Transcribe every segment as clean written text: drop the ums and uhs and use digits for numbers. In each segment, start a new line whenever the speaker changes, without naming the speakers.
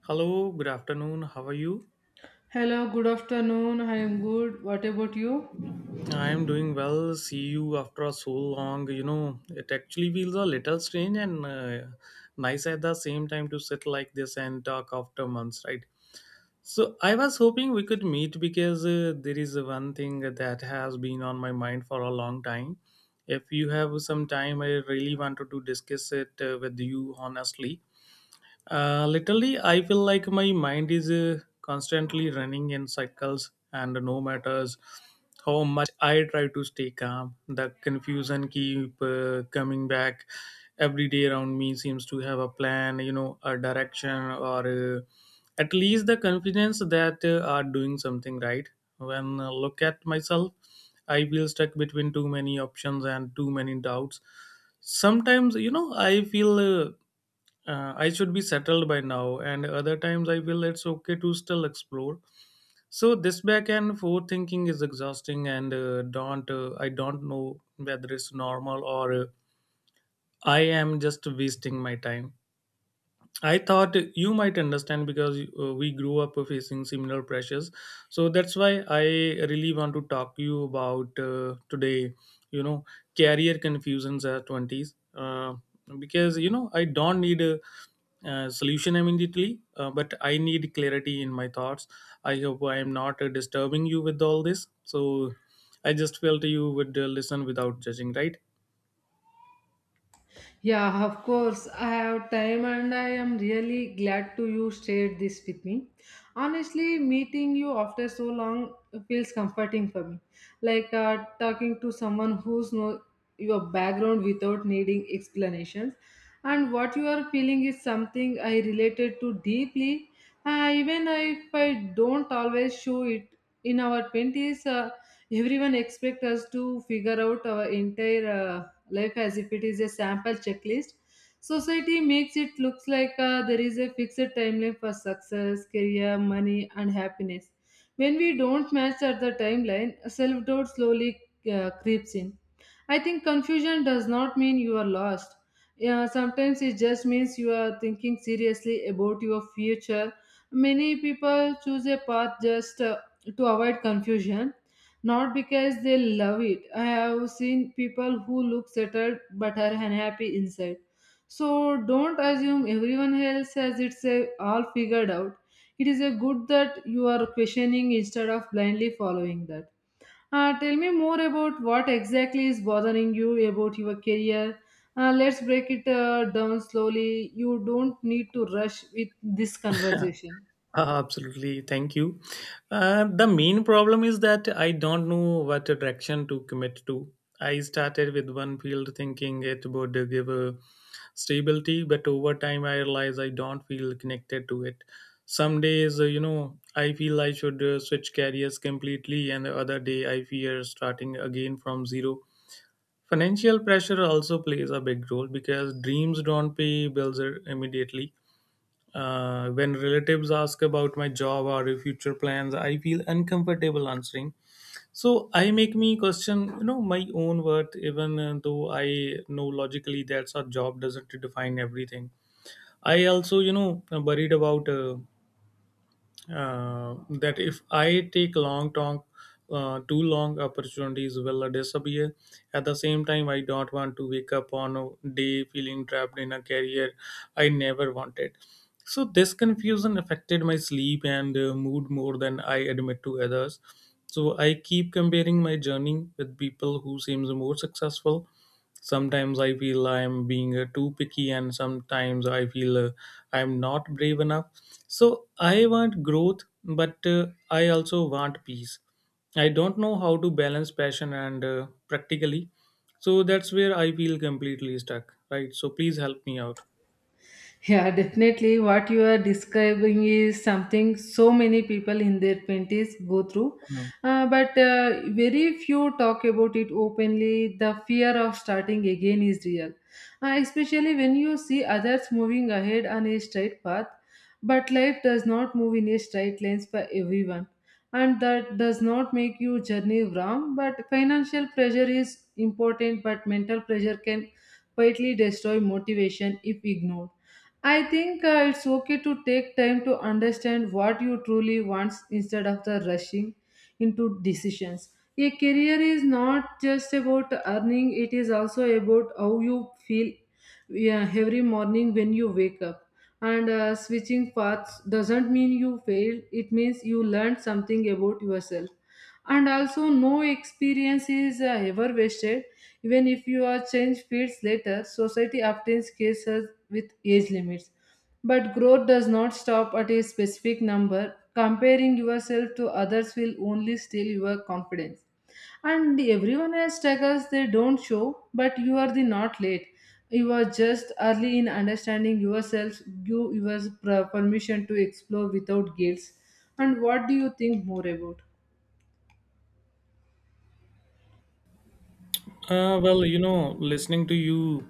Hello, good afternoon. How are you?
Hello, good afternoon. I am good. What about you?
I am doing well. See you after so long. You know, it actually feels a little strange and nice at the same time to sit like this and talk after months, right? So I was hoping we could meet because there is one thing that has been on my mind for a long time. If you have some time, I really wanted to discuss it with you honestly. Literally, I feel like my mind is constantly running in cycles, and no matters how much I try to stay calm, the confusion keep coming back. Every day around me seems to have a plan, a direction, or at least the confidence that are doing something right. When I look at myself, I feel stuck between too many options and too many doubts. Sometimes, I feel. I should be settled by now, and other times I will. It's okay to still explore. So this back and forth thinking is exhausting, and don't I don't know whether it's normal or I am just wasting my time. I thought you might understand because we grew up facing similar pressures. So that's why I really want to talk to you about today, you know, career confusions at 20s. Because, I don't need a solution immediately, but I need clarity in my thoughts. I hope I am not disturbing you with all this. So I just felt you would listen without judging, right?
Yeah, of course. I have time and I am really glad to you shared this with me. Honestly, meeting you after so long feels comforting for me. Like talking to someone who's know your background without needing explanations. And what you are feeling is something I related to deeply. Even if I don't always show it in our 20s, everyone expects us to figure out our entire life as if it is a sample checklist. Society makes it looks like there is a fixed timeline for success, career, money and happiness. When we don't match at the timeline, self-doubt slowly creeps in. I think confusion does not mean you are lost. Yeah, sometimes it just means you are thinking seriously about your future. Many people choose a path just to avoid confusion, not because they love it. I have seen people who look settled but are unhappy inside. So don't assume everyone else has it all figured out. It is a good that you are questioning instead of blindly following that. Tell me more about what exactly is bothering you about your career. Let's break it down slowly. You don't need to rush with this conversation.
Absolutely. Thank you. The main problem is that I don't know what direction to commit to. I started with one field thinking it would give a stability, but over time I realized I don't feel connected to it. Some days, I feel I should switch careers completely, and the other day I fear starting again from zero. Financial pressure also plays a big role because dreams don't pay bills immediately. When relatives ask about my job or future plans, I feel uncomfortable answering. So I make me question, my own worth, even though I know logically that's our job doesn't define everything. I also, worried about uh, that if I take too long opportunities will disappear. At the same time, I don't want to wake up on a day feeling trapped in a career I never wanted. So this confusion affected my sleep and mood more than I admit to others. So I keep comparing my journey with people who seems more successful. Sometimes I feel I'm being too picky, and sometimes I feel I'm not brave enough, so I want growth, but I also want peace. I don't know how to balance passion and practically. So that's where I feel completely stuck, right? So please help me out.
Yeah, definitely. What you are describing is something so many people in their 20s go through.
Mm.
But Very few talk about it openly. The fear of starting again is real, especially when you see others moving ahead on a straight path. But life does not move in a straight lines for everyone. And that does not make your journey wrong. But financial pressure is important, but mental pressure can quietly destroy motivation if ignored. I think it's okay to take time to understand what you truly want instead of the rushing into decisions. A career is not just about earning, it is also about how you feel yeah, every morning when you wake up. And switching paths doesn't mean you failed, it means you learned something about yourself. And also, no experience is ever wasted. Even if you are change fields later, society often scares us with age limits. But growth does not stop at a specific number. Comparing yourself to others will only steal your confidence. And everyone else struggles they don't show, but you are the not late. You are just early in understanding yourself, give your permission to explore without guilt. And what do you think more about?
Well, listening to you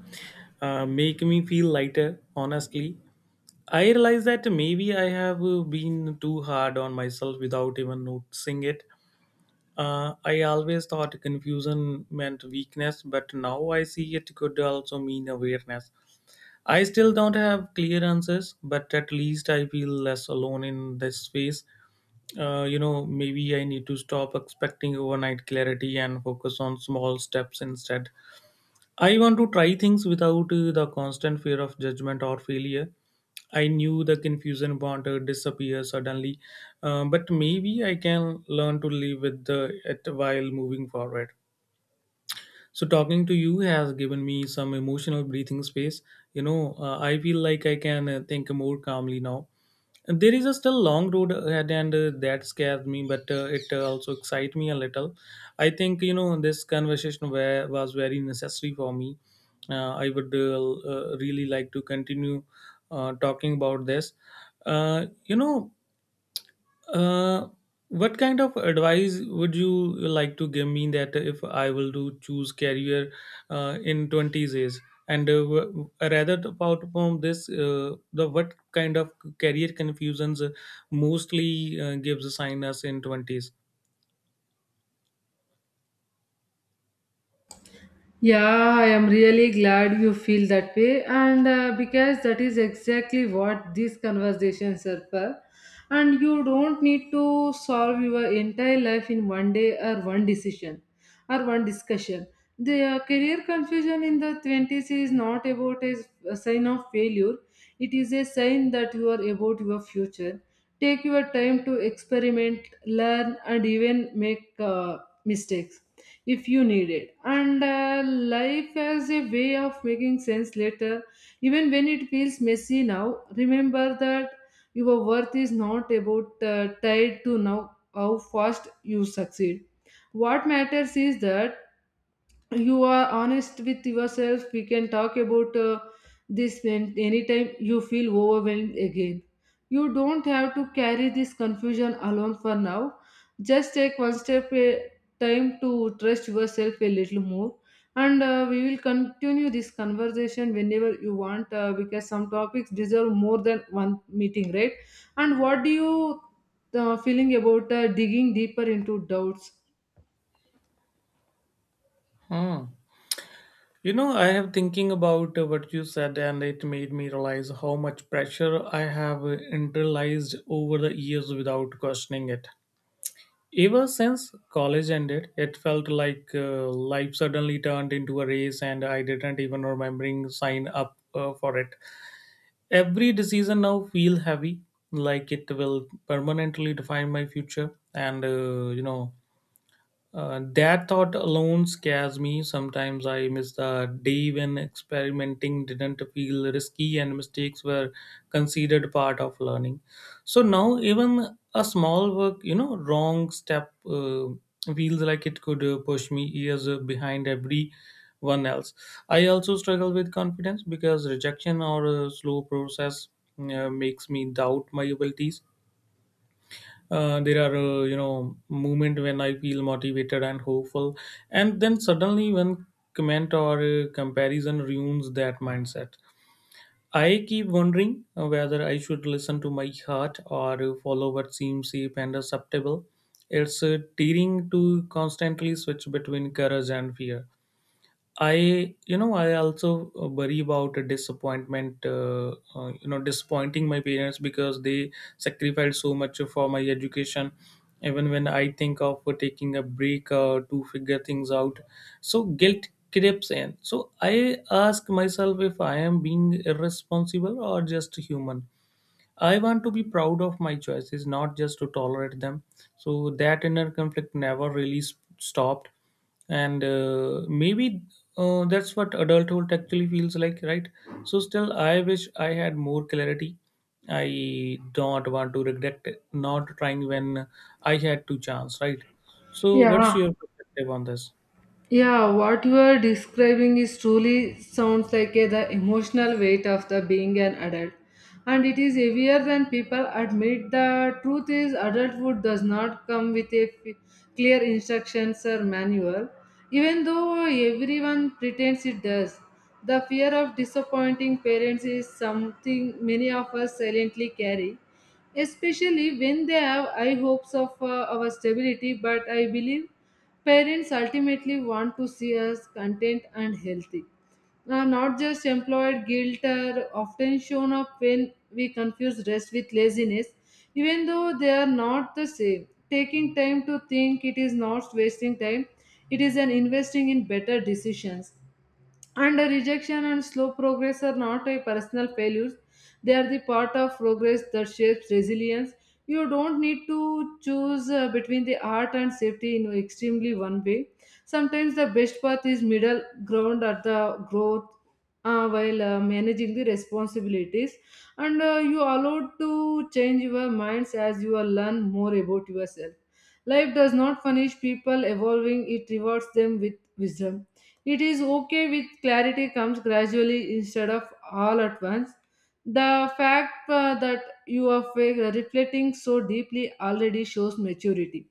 make me feel lighter, honestly. I realize that maybe I have been too hard on myself without even noticing it. I always thought confusion meant weakness, but now I see it could also mean awareness. I still don't have clear answers, but at least I feel less alone in this space. Maybe I need to stop expecting overnight clarity and focus on small steps instead. I want to try things without the constant fear of judgment or failure. I knew the confusion won't disappear suddenly, but maybe I can learn to live with it while moving forward. So talking to you has given me some emotional breathing space. I feel like I can think more calmly now. And there is a still long road ahead, and that scares me, but it also excites me a little. I think this conversation was very necessary for me. I would really like to continue talking about this. Uh, you know, uh, what kind of advice would you like to give me that if I will do choose career in 20s years? And rather apart from this, the what kind of career confusions mostly gives a sign us in 20s?
Yeah, I am really glad you feel that way, and because that is exactly what these conversations are for. And you don't need to solve your entire life in one day or one decision or one discussion. The career confusion in the 20s is not about a sign of failure, it is a sign that you are about your future. Take your time to experiment, learn, and even make mistakes if you need it. And life has a way of making sense later, even when it feels messy now. Remember that your worth is not about tied to now how fast you succeed. What matters is that you are honest with yourself. We can talk about this when anytime you feel overwhelmed again. You don't have to carry this confusion alone for now, just take one step a time to trust yourself a little more, and we will continue this conversation whenever you want because some topics deserve more than one meeting, right? And what do you feeling about digging deeper into doubts?
Hmm. I have thinking about what you said, and it made me realize how much pressure I have internalized over the years without questioning it. Ever since college ended, it felt like life suddenly turned into a race, and I didn't even remembering sign up for it. Every decision now feel heavy, like it will permanently define my future, and that thought alone scares me. Sometimes I miss the day when experimenting didn't feel risky and mistakes were considered part of learning. So now, even a small work, wrong step feels like it could push me years behind everyone else. I also struggle with confidence because rejection or a slow process makes me doubt my abilities. There are moment when I feel motivated and hopeful, and then suddenly when comment or comparison ruins that mindset. I keep wondering whether I should listen to my heart or follow what seems safe and acceptable. It's tearing to constantly switch between courage and fear. I also worry about a disappointing my parents because they sacrificed so much for my education. Even when I think of taking a break to figure things out, so guilt creeps in. So I ask myself if I am being irresponsible or just human. I want to be proud of my choices, not just to tolerate them. So that inner conflict never really stopped. And maybe that's what adulthood actually feels like, right? So still, I wish I had more clarity. I don't want to regret it, not trying when I had two chance, right? So what's
Yeah,
your perspective on this?
Yeah, what you are describing is truly sounds like the emotional weight of the being an adult. And it is heavier than people admit. The truth is, adulthood does not come with clear instructions or manual, even though everyone pretends it does. The fear of disappointing parents is something many of us silently carry, especially when they have high hopes of our stability. But I believe parents ultimately want to see us content and healthy. Now, not just employed guilt are often shown up when we confuse rest with laziness, even though they are not the same. Taking time to think it is not wasting time, it is an investing in better decisions. And a rejection and slow progress are not a personal failures. They are the part of progress that shapes resilience. You don't need to choose between the art and safety in extremely one way. Sometimes the best path is middle ground at the growth while managing the responsibilities. And you allowed to change your minds as you will learn more about yourself. Life does not punish people evolving, it rewards them with wisdom. It is okay with clarity comes gradually instead of all at once. The fact that you are reflecting so deeply already shows maturity.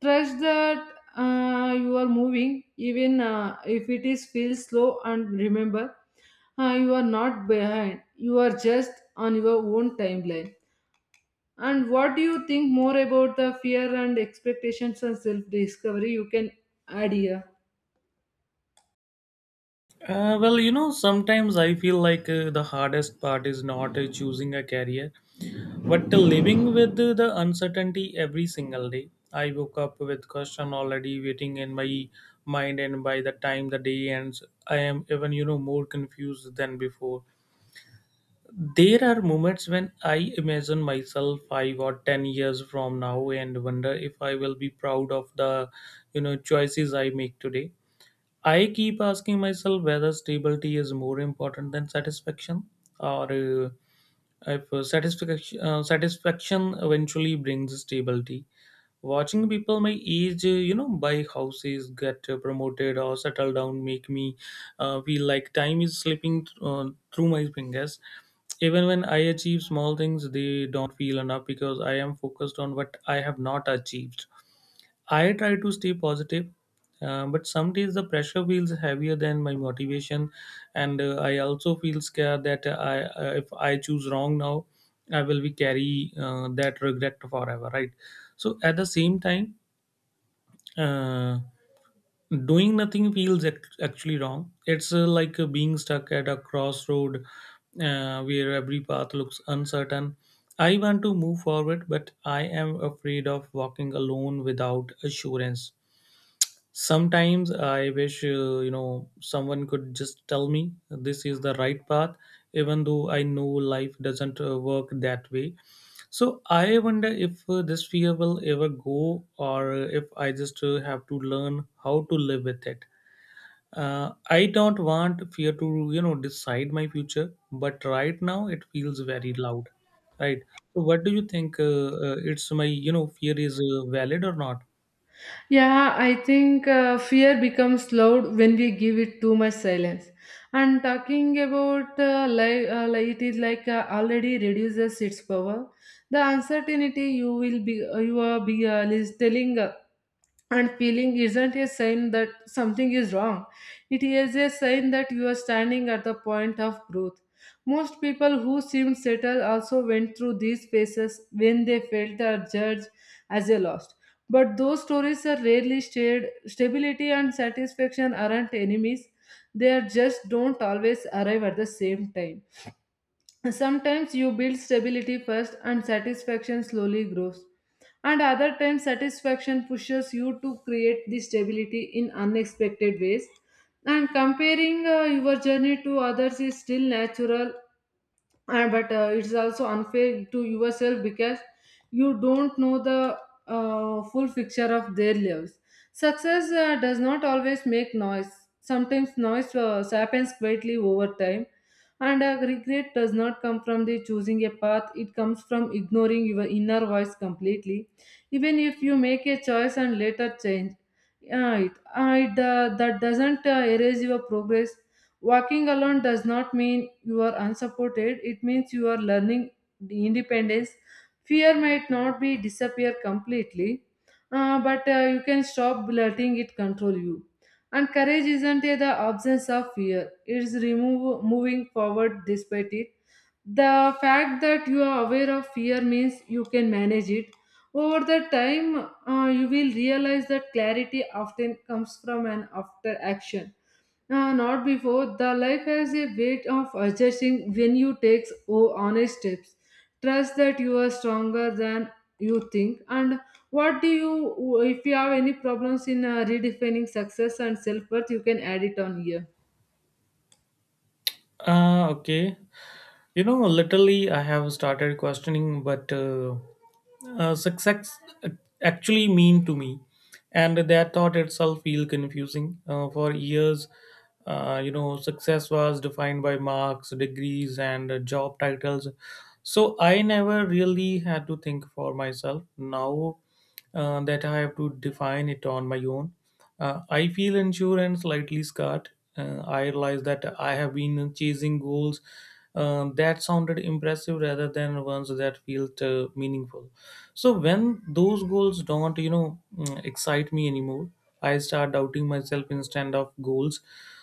Trust that you are moving, even if it is feels slow. And remember, you are not behind. You are just on your own timeline. And what do you think more about the fear and expectations and self discovery? You can add here.
Well, sometimes I feel like the hardest part is not choosing a career, but living with the uncertainty every single day. I woke up with question already waiting in my mind, and by the time the day ends, I am even more confused than before. There are moments when I imagine myself 5 or 10 years from now and wonder if I will be proud of the choices I make today. I keep asking myself whether stability is more important than satisfaction or if satisfaction eventually brings stability. Watching people my age, buy houses, get promoted, or settle down, make me feel like time is slipping through my fingers. Even when I achieve small things, they don't feel enough because I am focused on what I have not achieved. I try to stay positive, but some days the pressure feels heavier than my motivation, and I also feel scared that if I choose wrong now, I will be carry that regret forever, right? So at the same time, uh, doing nothing feels actually wrong. It's like being stuck at a crossroad where every path looks uncertain. I want to move forward, but I am afraid of walking alone without assurance. Sometimes I wish, someone could just tell me this is the right path, even though I know life doesn't work that way. So I wonder if this fear will ever go or if I just have to learn how to live with it. I don't want fear to, decide my future, but right now it feels very loud, right? So what do you think? It's my, you know, fear is valid or not?
Yeah, I think fear becomes loud when we give it too much silence. And talking about like it is like already reduces its power. The uncertainty you are be is telling. And feeling isn't a sign that something is wrong. It is a sign that you are standing at the point of growth. Most people who seemed settled also went through these phases when they felt they are judged as a loss. But those stories are rarely shared. Stability and satisfaction aren't enemies, they are just don't always arrive at the same time. Sometimes you build stability first and satisfaction slowly grows. And other times, satisfaction pushes you to create the stability in unexpected ways. And comparing your journey to others is still natural, but it's also unfair to yourself because you don't know the full picture of their lives. Success does not always make noise. Sometimes noise happens quietly over time, and regret does not come from the choosing a path. It comes from ignoring your inner voice completely, even if you make a choice and later change. That doesn't erase your progress. Walking alone does not mean you are unsupported, it means you are learning independence. Fear might not be disappear completely, but you can stop letting it control you. And courage isn't the absence of fear, it's moving forward despite it. The fact that you are aware of fear means you can manage it. Over the time, you will realize that clarity often comes from an after action, not before. The life has a way of adjusting when you take oh, honest steps. Trust that you are stronger than you think. And what do you, if you have any problems in redefining success and self worth, you can add it on here.
Okay. Literally, I have started questioning what success actually mean to me, and that thought itself feel confusing. For years, success was defined by marks, degrees, and job titles. So I never really had to think for myself. Now that I have to define it on my own. I feel unsure and slightly scared. I realize that I have been chasing goals that sounded impressive rather than ones that felt meaningful. So when those goals don't, excite me anymore, I start doubting myself instead of goals.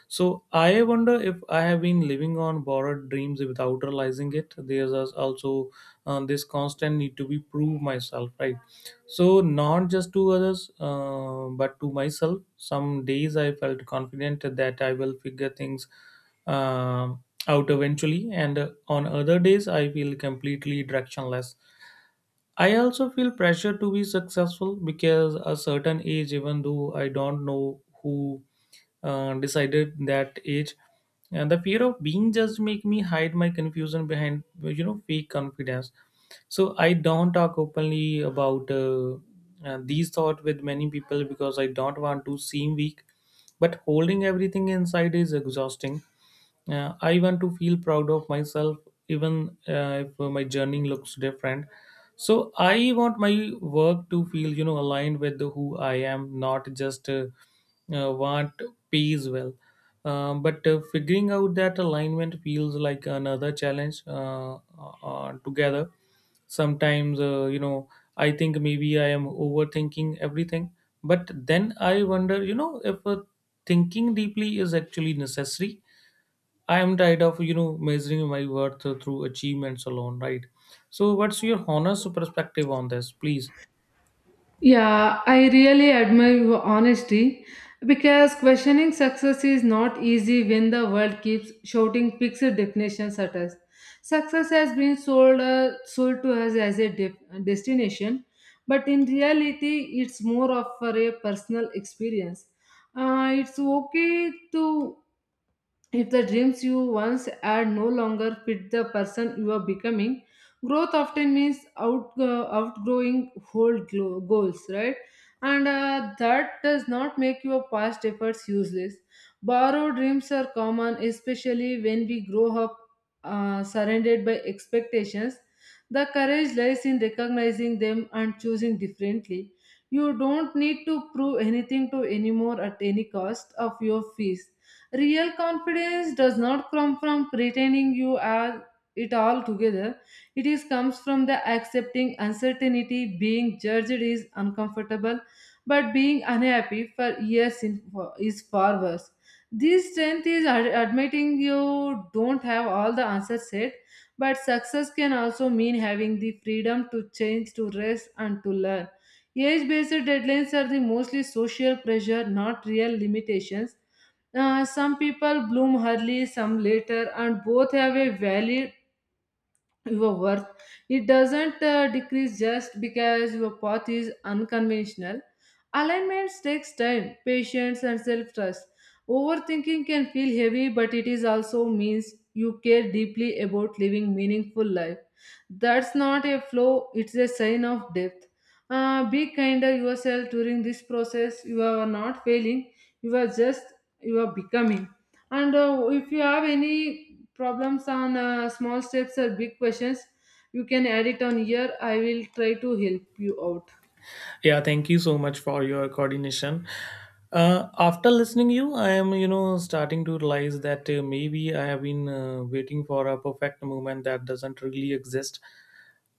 So I wonder if I have been living on borrowed dreams without realizing it. There's also this constant need to be prove myself, right? So, not just to others, but to myself. Some days I felt confident that I will figure things uh, out eventually, and on other days I feel completely directionless. I also feel pressure to be successful because a certain age, even though I don't know who decided that age, and the fear of being judged make me hide my confusion behind fake confidence. So I don't talk openly about these thoughts with many people because I don't want to seem weak. But holding everything inside is exhausting. I want to feel proud of myself, even if my journey looks different. So I want my work to feel, aligned with who I am, not just what pays well. But figuring out that alignment feels like another challenge together. Sometimes, I think maybe I am overthinking everything. But then I wonder, if thinking deeply is actually necessary. I am tired of measuring my worth through achievements alone, right? So, what's your honest perspective on this, please?
Yeah, I really admire your honesty because questioning success is not easy when the world keeps shouting fixed definitions at us. Success has been sold to us as a destination, but in reality, it's more of for a personal experience. It's okay to if the dreams you once had no longer fit the person you are becoming, growth often means outgrowing old goals, right? And that does not make your past efforts useless. Borrowed dreams are common, especially when we grow up surrounded by expectations. The courage lies in recognizing them and choosing differently. You don't need to prove anything to anymore at any cost of your fees. Real confidence does not come from pretending you are it all together. It is comes from the accepting uncertainty. Being judged is uncomfortable, but being unhappy for years in, is far worse. This strength is admitting you don't have all the answers yet, but success can also mean having the freedom to change, to rest, and to learn. Age based deadlines are the mostly social pressure, not real limitations. Some people bloom early, some later, and both have a valid your worth. It doesn't decrease just because your path is unconventional. Alignment takes time, patience, and self-trust. Overthinking can feel heavy, but it is also means you care deeply about living meaningful life. That's not a flaw, it's a sign of depth. Be kinder yourself during this process. You are not failing, you are just, you are becoming. And if you have any problems on small steps or big questions, you can add it on here. I will try to help you out.
Yeah, thank you so much for your coordination. After listening you, I am starting to realize that maybe I have been waiting for a perfect moment that doesn't really exist.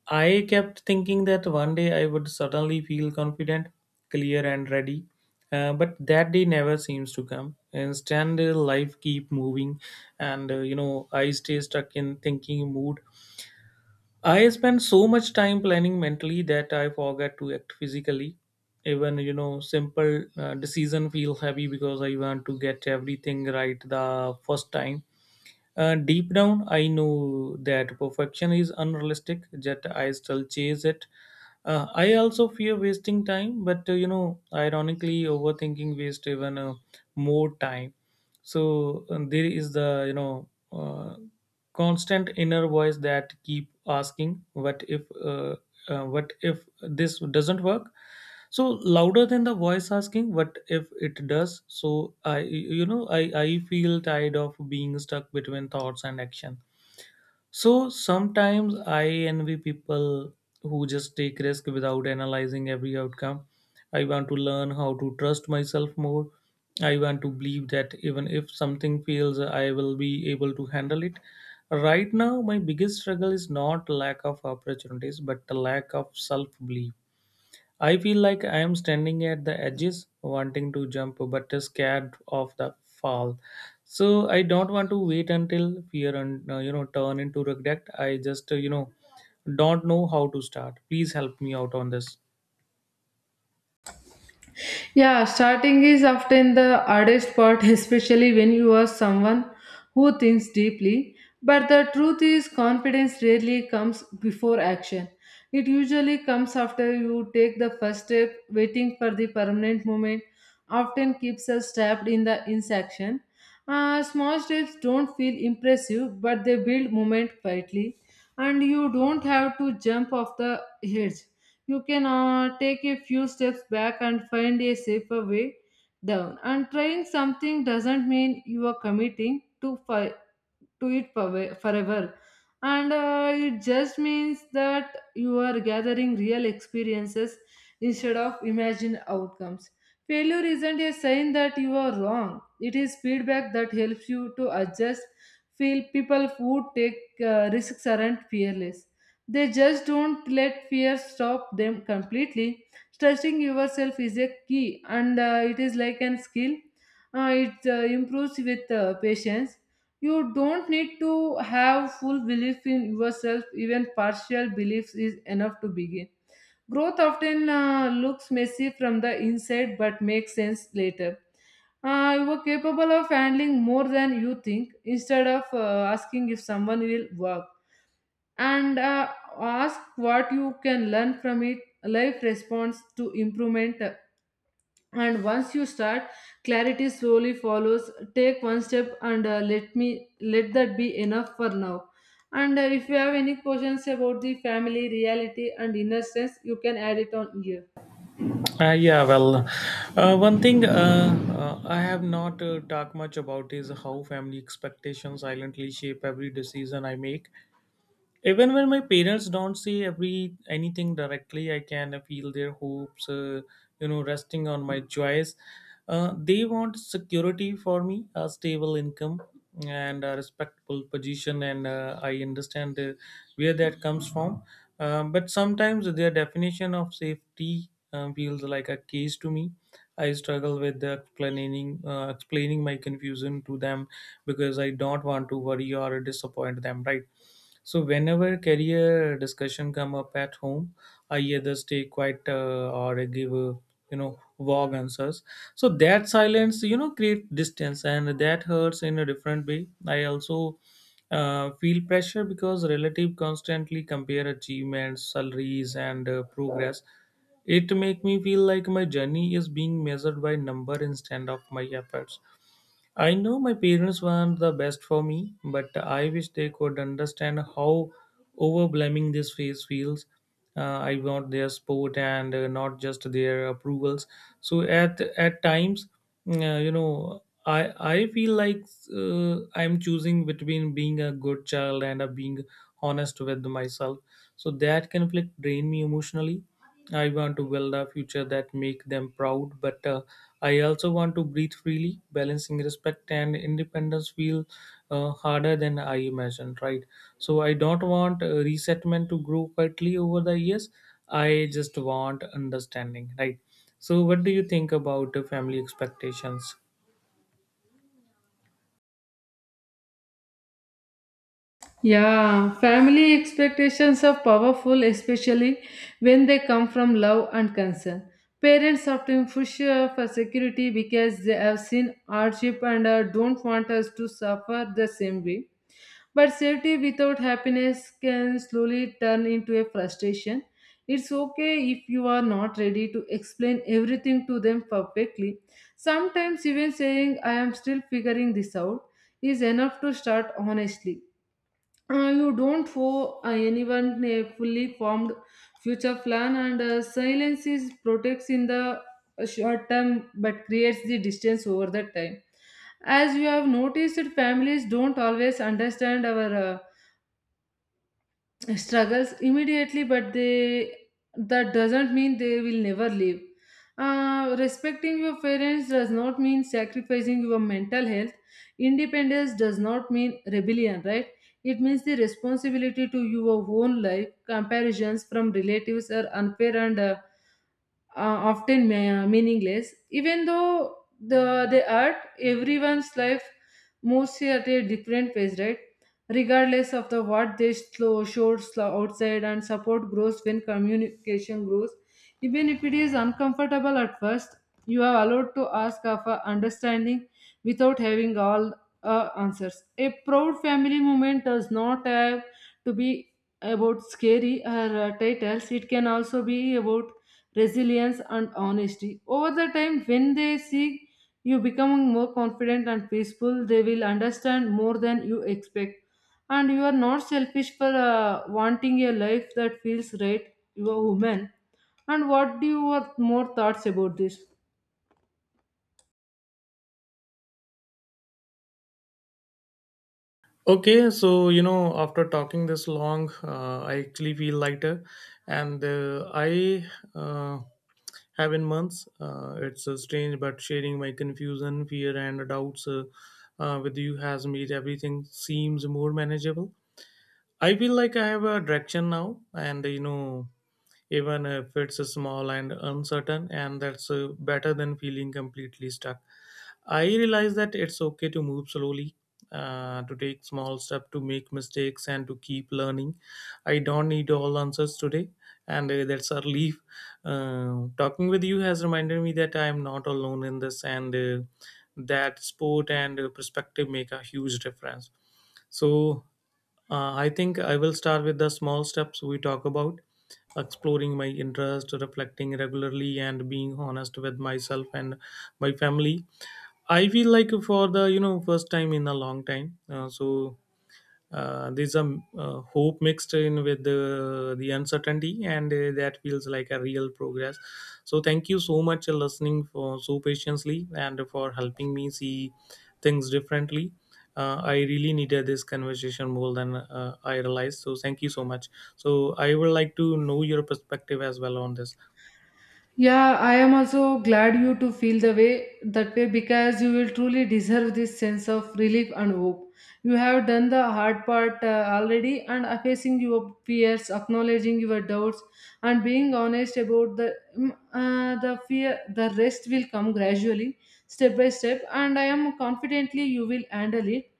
I kept thinking that one day I would suddenly feel confident, clear, and ready. But that day never seems to come. Instead, life keep moving, and I stay stuck in thinking mood. I spend so much time planning mentally that I forget to act physically. Even simple decision feel heavy because I want to get everything right the first time. Deep down, I know that perfection is unrealistic, yet I still chase it. I also fear wasting time, but ironically, overthinking wastes even more time. So and there is the constant inner voice that keep asking, "What if? What if this doesn't work?" So louder than the voice asking what if it does. So I you know I feel tired of being stuck between thoughts and action. So sometimes I envy people who just take risk without analyzing every outcome. I want to learn how to trust myself more. I want to believe that even if something fails I will be able to handle it. Right now my biggest struggle is not lack of opportunities but the lack of self belief. I feel like I am standing at the edges, wanting to jump but scared of the fall. So I don't want to wait until fear and turn into regret. I just don't know how to start. Please help me out on this.
Yeah, starting is often the hardest part, especially when you are someone who thinks deeply. But the truth is, confidence rarely comes before action. It usually comes after you take the first step. Waiting for the permanent moment often keeps us trapped in the inaction. Small steps don't feel impressive, but they build moment quietly, and you don't have to jump off the edge. You can take a few steps back and find a safer way down. And trying something doesn't mean you are committing to to it forever. And it just means that you are gathering real experiences instead of imagined outcomes. Failure isn't a sign that you are wrong, it is feedback that helps you to adjust. Feel people who take risks aren't fearless, they just don't let fear stop them completely. Trusting yourself is a key, and it is like an skill. It improves with patience. You don't need to have full belief in yourself, even partial beliefs is enough to begin. Growth often looks messy from the inside but makes sense later. You are capable of handling more than you think. Instead of asking if someone will work, and ask what you can learn from it. Life responds to improvement, and once you start, clarity slowly follows. Take one step and let that be enough for now. And if you have any questions about the family reality and inner sense, you can add it on here.
Yeah, well, one thing I have not talked much about is how family expectations silently shape every decision I make. Even when my parents don't say every anything directly I can feel their hopes resting on my joys. They want security for me, a stable income and a respectable position, and I understand where that comes from. But sometimes their definition of safety feels like a case to me. I struggle with the explaining my confusion to them because I don't want to worry or disappoint them, right? So whenever career discussion come up at home, I either stay quiet or I give vague answers. So that silence create distance and that hurts in a different way. I also feel pressure because relative constantly compare achievements, salaries, and progress. It make me feel like my journey is being measured by number instead of my efforts. I know my parents want the best for me, but I wish they could understand how overwhelming this phase feels. I want their support and not just their approvals. So at times, I feel like I'm choosing between being a good child and being honest with myself. So that conflict drain me emotionally. I want to build a future that make them proud, but I also want to breathe freely. Balancing respect and independence feel harder than I imagined, right? So I don't want resettlement to grow quietly over the years. I just want understanding, right? So what do you think about the family expectations?
Yeah, family expectations are powerful, especially when they come from love and concern. Parents often push for security because they have seen hardship and don't want us to suffer the same way. But safety without happiness can slowly turn into a frustration. It's okay if you are not ready to explain everything to them perfectly. Sometimes, even saying, I am still figuring this out, is enough to start honestly. You don't owe anyone a fully formed future plan, and silence is protects in the short term but creates the distance over the time. As you have noticed, families don't always understand our struggles immediately, but they, that doesn't mean they will never leave. Respecting your parents does not mean sacrificing your mental health. Independence does not mean rebellion, right? It means the responsibility to your own life. Comparisons from relatives are unfair and often meaningless. Even though the they are everyone's life moves at a different pace, right? Regardless of the what they slow shows outside, and support grows when communication grows, even if it is uncomfortable at first. You are allowed to ask for understanding without having all answers. A proud family moment does not have to be about scary or titles. It can also be about resilience, and honesty. Over the time, when they see you becoming more confident and peaceful, they will understand more than you expect. And you are not selfish for wanting a life that feels right. You are human. And what do your more thoughts about this?
Okay, so after talking this long, I actually feel lighter, and I uh, have in months. It's strange, but sharing my confusion, fear, and doubts with you has made everything seems more manageable. I feel like I have a direction now, and even if it's small and uncertain, and that's better than feeling completely stuck. I realize that it's okay to move slowly, to take small steps, to make mistakes, and to keep learning. I don't need all answers today, and that's a relief. Talking with you has reminded me that I am not alone in this, and that sport and perspective make a huge difference. So, I think I will start with the small steps we talk about, exploring my interest, reflecting regularly, and being honest with myself and my family. I feel like for the first time in a long time, there's a hope mixed in with the uncertainty, and that feels like a real progress. So thank you so much for listening for so patiently and for helping me see things differently. I really needed this conversation more than I realized. So thank you so much. So I would like to know your perspective as well on this.
Yeah, I am also glad you to feel the way that way, because you will truly deserve this sense of relief and hope. You have done the hard part already and are facing your fears, acknowledging your doubts, and being honest about the fear. The rest will come gradually, step by step, and I am confidently you will handle it.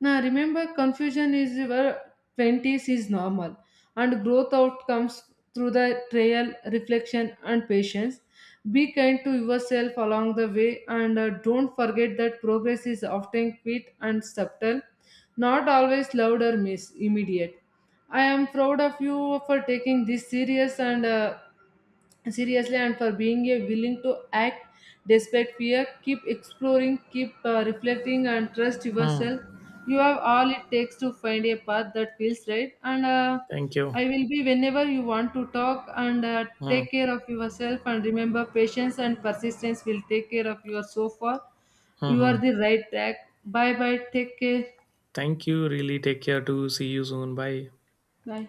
Now remember, confusion is your 20s is normal, and growth outcomes through the trial, reflection, and patience. Be kind to yourself along the way, and don't forget that progress is often quick and subtle, not always loud or miss immediate. I am proud of you for taking this serious and seriously and for being a willing to act despite fear. Keep exploring, keep reflecting, and trust
Hmm.
yourself. You have all it takes to find a path that feels right. And
Thank
I
you.
will be whenever you want to talk and
Hmm.
take care of yourself. And remember, patience and persistence will take care of your so far.
Hmm.
You are
Hmm.
the right track. Bye bye. Take care.
Thank you. Really take care too. See you soon. Bye.
Bye.